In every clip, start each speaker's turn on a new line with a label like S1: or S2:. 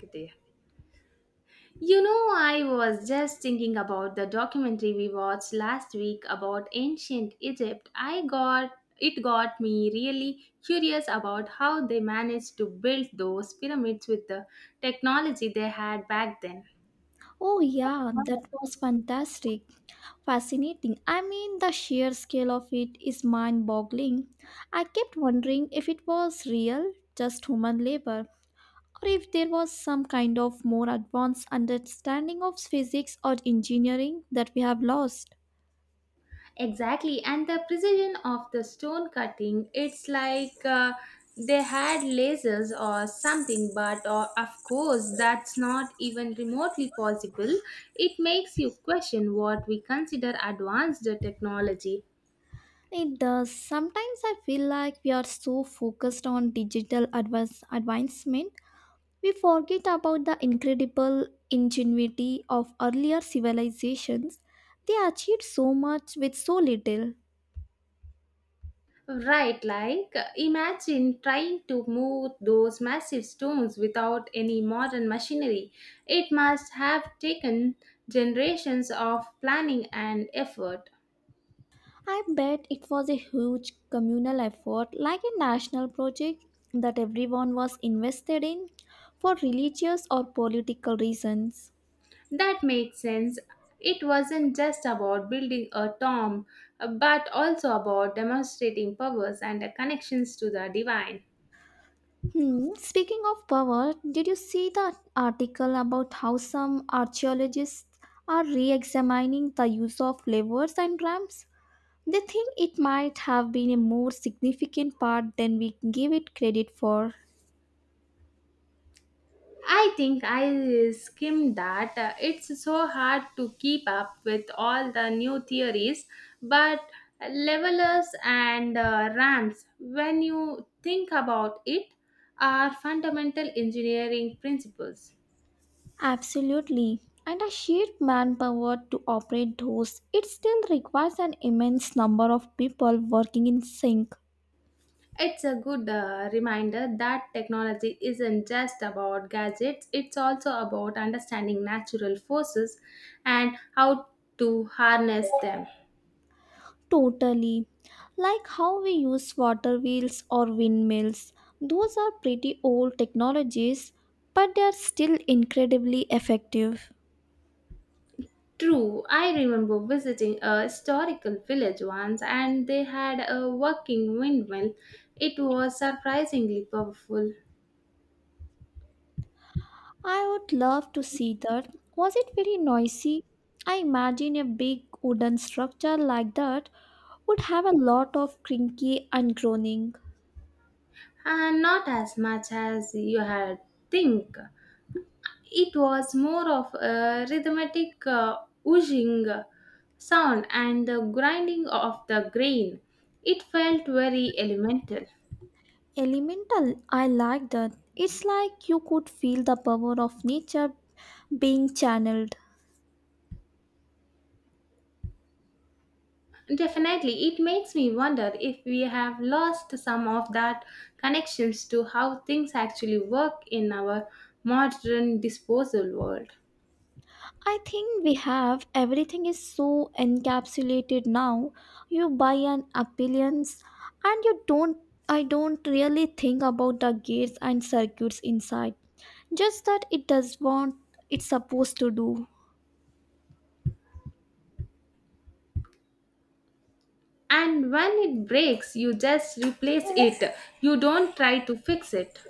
S1: There. You know, I was just thinking about the documentary we watched last week about ancient Egypt. I got it got me really curious about how they managed to build those pyramids with the technology they had back then.
S2: Oh, yeah, that was fantastic. Fascinating. I mean, the sheer scale of it is mind boggling. I kept wondering if it was real, just human labor, or if there was some kind of more advanced understanding of physics or engineering that we have lost.
S1: Exactly, and the precision of the stone cutting, it's like they had lasers or something, but of course, that's not even remotely possible. It makes you question what we consider advanced technology.
S2: It does. Sometimes I feel like we are so focused on digital advancement. We forget about the incredible ingenuity of earlier civilizations. They achieved so much with so little.
S1: Right, like imagine trying to move those massive stones without any modern machinery. It must have taken generations of planning and effort.
S2: I bet it was a huge communal effort, like a national project that everyone was invested in for religious or political reasons.
S1: That makes sense. It wasn't just about building a tomb, but also about demonstrating powers and connections to the divine.
S2: Hmm. Speaking of power, did you see the article about how some archaeologists are re examining the use of levers and ramps? They think it might have been a more significant part than we give it credit for.
S1: I think I skimmed that. It's so hard to keep up with all the new theories, but levelers and ramps, when you think about it, are fundamental engineering principles.
S2: Absolutely. And a sheer manpower to operate those, it still requires an immense number of people working in sync.
S1: It's a good reminder that technology isn't just about gadgets, it's also about understanding natural forces and how to harness them.
S2: Totally. Like how we use water wheels or windmills. Those are pretty old technologies, but they are still incredibly effective.
S1: True, I remember visiting a historical village once and they had a working windmill. It was surprisingly powerful
S2: I would love to see that. Was it very noisy? I imagine a big wooden structure like that would have a lot of crinky and groaning.
S1: and not as much as you had think. It was more of a rhythmic whooshing sound and the grinding of the grain. It felt very elemental.
S2: Elemental, I like that. It's like you could feel the power of nature being channeled.
S1: Definitely, it makes me wonder if we have lost some of that connections to how things actually work in our modern disposal world.
S2: I think we have everything is so encapsulated now. You buy an appliance and you don't, I don't really think about the gates and circuits inside. Just that it does what it's supposed to do.
S1: And when it breaks, you just replace it. You don't try to fix it.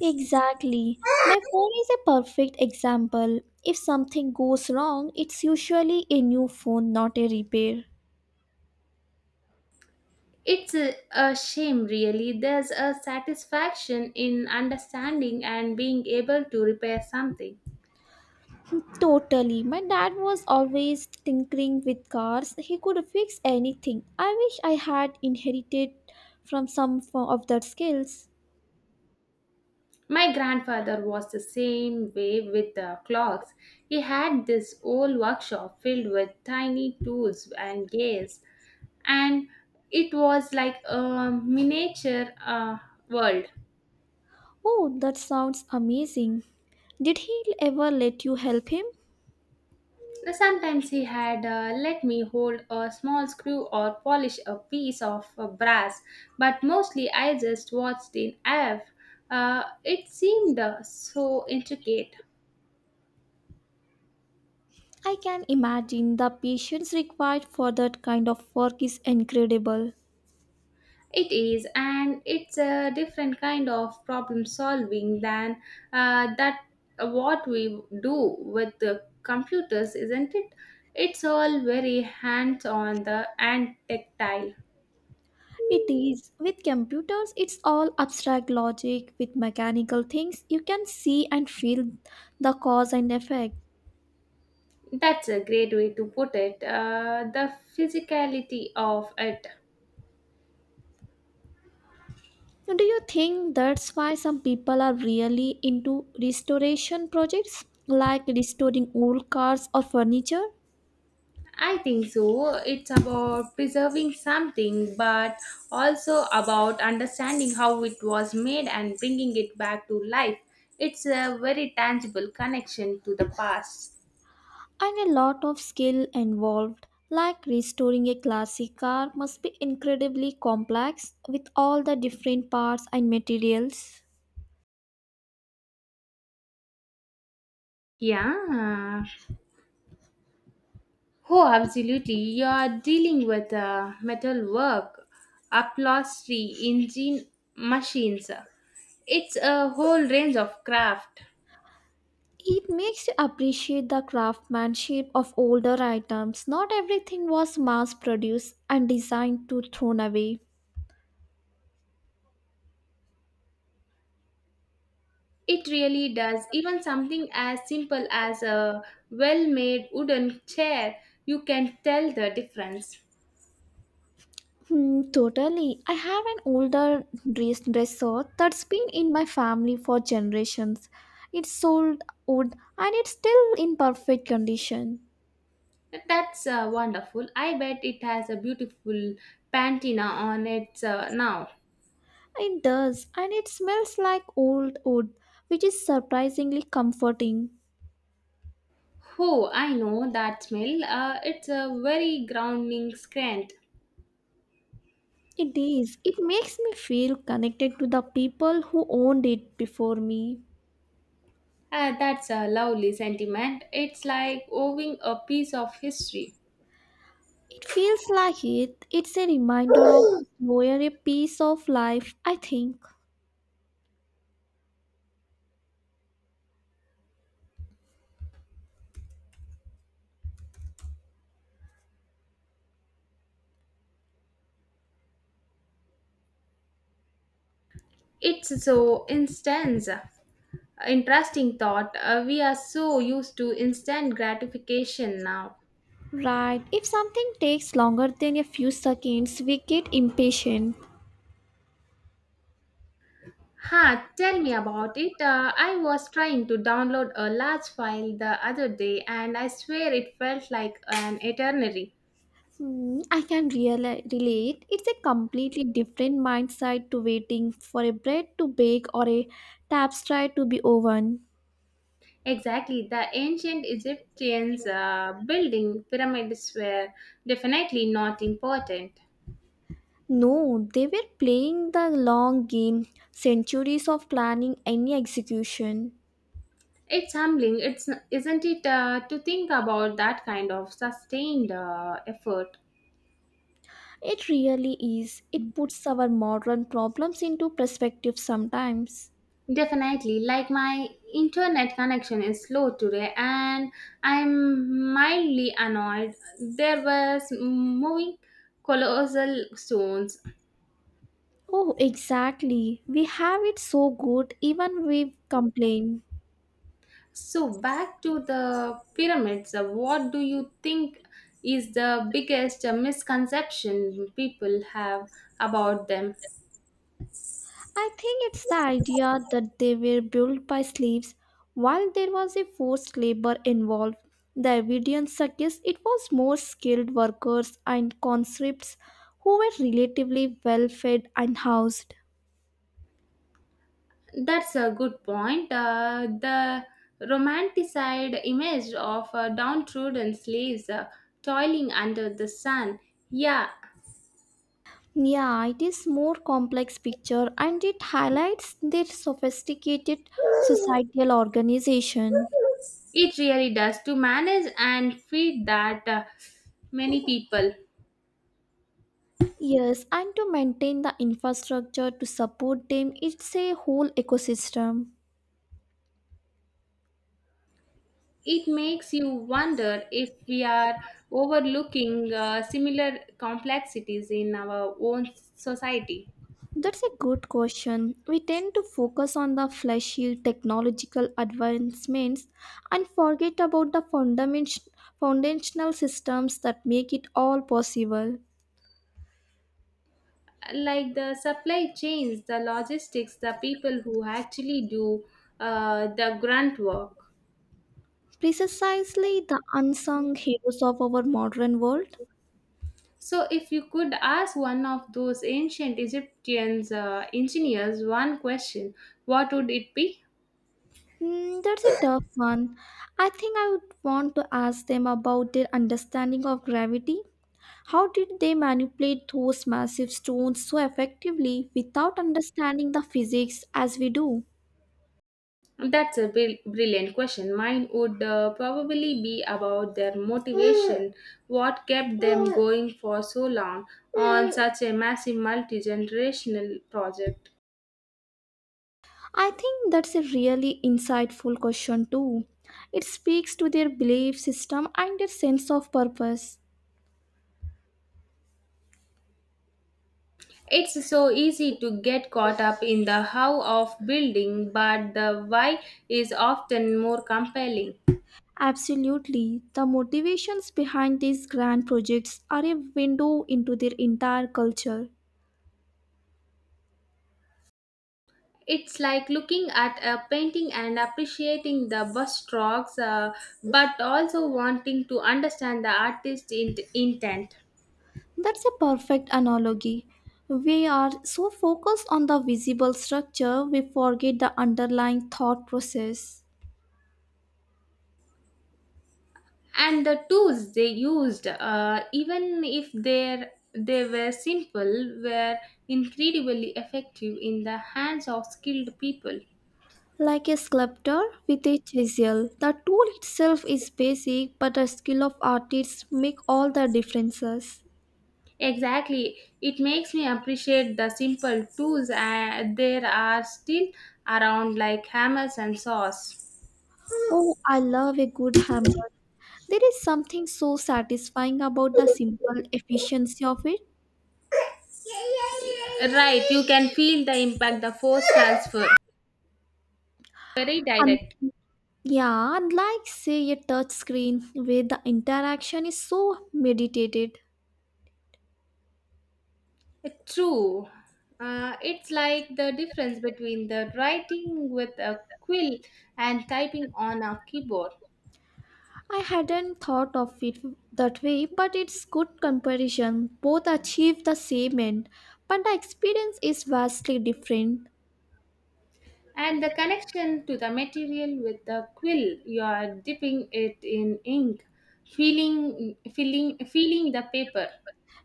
S2: Exactly. My phone is a perfect example. If something goes wrong, it's usually a new phone, not a repair.
S1: It's a shame, really. There's a satisfaction in understanding and being able to repair something.
S2: Totally. My dad was always tinkering with cars. He could fix anything. I wish I had inherited from of that skills.
S1: My grandfather was the same way with the clocks. He had this old workshop filled with tiny tools and gears, and it was like a miniature world.
S2: Oh, that sounds amazing. Did he ever let you help him?
S1: Sometimes he had let me hold a small screw or polish a piece of brass, but mostly I just watched in awe. It seemed so intricate.
S2: I can imagine the patience required for that kind of work is incredible.
S1: It is, and it's a different kind of problem solving than that what we do with the computers, isn't it? It's all very hands on the and tactile.
S2: It is. With computers, it's all abstract logic. With mechanical things, you can see and feel the cause and effect.
S1: That's a great way to put it. The physicality of it.
S2: Do you think that's why some people are really into restoration projects, like restoring old cars or furniture?
S1: I think so. It's about preserving something, but also about understanding how it was made and bringing it back to life. It's a very tangible connection to the past.
S2: And a lot of skill involved, like restoring a classic car must be incredibly complex with all the different parts and materials.
S1: Yeah. Oh, absolutely. You're dealing with metal work, upholstery, engine machines. It's a whole range of craft.
S2: It makes you appreciate the craftsmanship of older items. Not everything was mass produced and designed to thrown away.
S1: It really does. Even something as simple as a well made wooden chair, you can tell the difference.
S2: Hmm, totally. I have an older dresser that's been in my family for generations. It's sold wood and it's still in perfect condition.
S1: That's wonderful. I bet it has a beautiful patina on it now.
S2: It does, and it smells like old wood, which is surprisingly comforting.
S1: Oh, I know that smell. It's a very grounding scent.
S2: It is. It makes me feel connected to the people who owned it before me.
S1: That's a lovely sentiment. It's like owning a piece of history.
S2: It feels like it. It's a reminder of slower a piece of life, I think.
S1: It's so intense. Interesting thought. We are so used to instant gratification now.
S2: Right. If something takes longer than a few seconds, we get impatient.
S1: Ha, tell me about it. I was trying to download a large file the other day and I swear it felt like an eternity.
S2: Hmm, I can reali relate. It's a completely different mindset to waiting for a bread to bake or a tapestry to be woven.
S1: Exactly, the ancient Egyptians building pyramids were definitely not important.
S2: No, they were playing the long game, centuries of planning and execution.
S1: It's humbling, it's, isn't it, to think about that kind of sustained effort?
S2: It really is. It puts our modern problems into perspective sometimes.
S1: Definitely. Like my internet connection is slow today and I'm mildly annoyed. There was moving colossal stones.
S2: Oh, exactly. We have it so good even we complain.
S1: So back to the pyramids, what do you think is the biggest misconception people have about them?
S2: I think it's the idea that they were built by slaves. While there was a forced labor involved, the evidence suggests it was more skilled workers and conscripts who were relatively well fed and housed.
S1: That's a good point. The romanticized image of downtrodden slaves toiling under the sun yeah,
S2: Yeah, it is more complex picture and it highlights their sophisticated societal organization.
S1: it really does. To manage and feed that many people,
S2: Yes, and to maintain the infrastructure to support them, it's a whole ecosystem.
S1: it makes you wonder if we are overlooking similar complexities in our own society.
S2: That's a good question. We tend to focus on the flashy technological advancements and forget about the foundational systems that make it all possible.
S1: Like the supply chains, the logistics, the people who actually do the grunt work.
S2: Precisely the unsung heroes of our modern world.
S1: So, if you could ask one of those ancient Egyptians engineers one question, what would it be?
S2: Hmm, that's a tough one. I think I would want to ask them about their understanding of gravity. How did they manipulate those massive stones so effectively without understanding the physics as we do?
S1: That's a brilliant question. Mine would probably be about their motivation, what kept them going for so long on such a massive multi generational project.
S2: I think that's a really insightful question, too. It speaks to their belief system and their sense of purpose.
S1: It's so easy to get caught up in the how of building, but the why is often more compelling.
S2: Absolutely. The motivations behind these grand projects are a window into their entire culture.
S1: It's like looking at a painting and appreciating the brushstrokes, but also wanting to understand the artist's intent.
S2: That's a perfect analogy. We are so focused on the visible structure, we forget the underlying thought process.
S1: And the tools they used even if they were simple were incredibly effective in the hands of skilled people.
S2: Like a sculptor with a chisel, the tool itself is basic, but the skill of artists make all the differences.
S1: Exactly, it makes me appreciate the simple tools there are still around like hammers and saws.
S2: Oh, I love a good hammer. There is something so satisfying about the simple efficiency of it.
S1: Right, you can feel the impact, the force transfer, very
S2: And
S1: direct.
S2: yeah, unlike say a touch screen where the interaction is so meditated.
S1: It's true. It's like the difference between the writing with a quill and typing on a keyboard,
S2: I hadn't thought of it that way, but it's good comparison. Both achieve the same end, but the experience is vastly different.
S1: and the connection to the material with the quill. You are dipping it in ink, feeling the paper.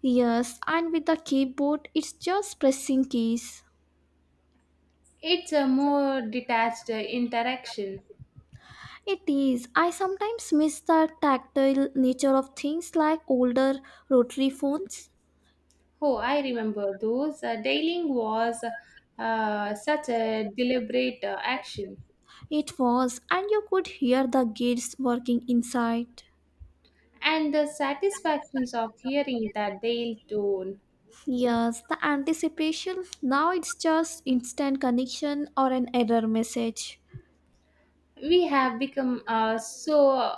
S2: Yes, and with the keyboard, it's just pressing keys.
S1: It's a more detached interaction.
S2: It is. I sometimes miss the tactile nature of things like older rotary phones.
S1: Oh, I remember those. Dialing was such a deliberate action.
S2: It was, and you could hear the gears working inside.
S1: And the satisfactions of hearing that they'll tone.
S2: Yes, the anticipation. Now it's just instant connection or an error message.
S1: We have become so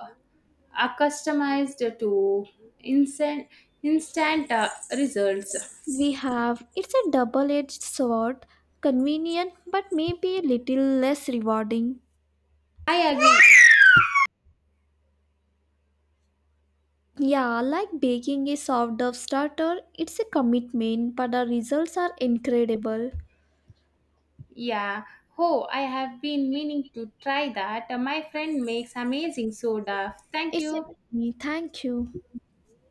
S1: accustomed to instant, instant results.
S2: We have. It's a double edged sword, convenient but maybe a little less rewarding.
S1: I agree.
S2: Yeah, like baking a soft dough starter, it's a commitment, but the results are incredible.
S1: Yeah. Oh, I have been meaning to try that. My friend makes amazing soda. Thank
S2: It's
S1: you.
S2: a thank you.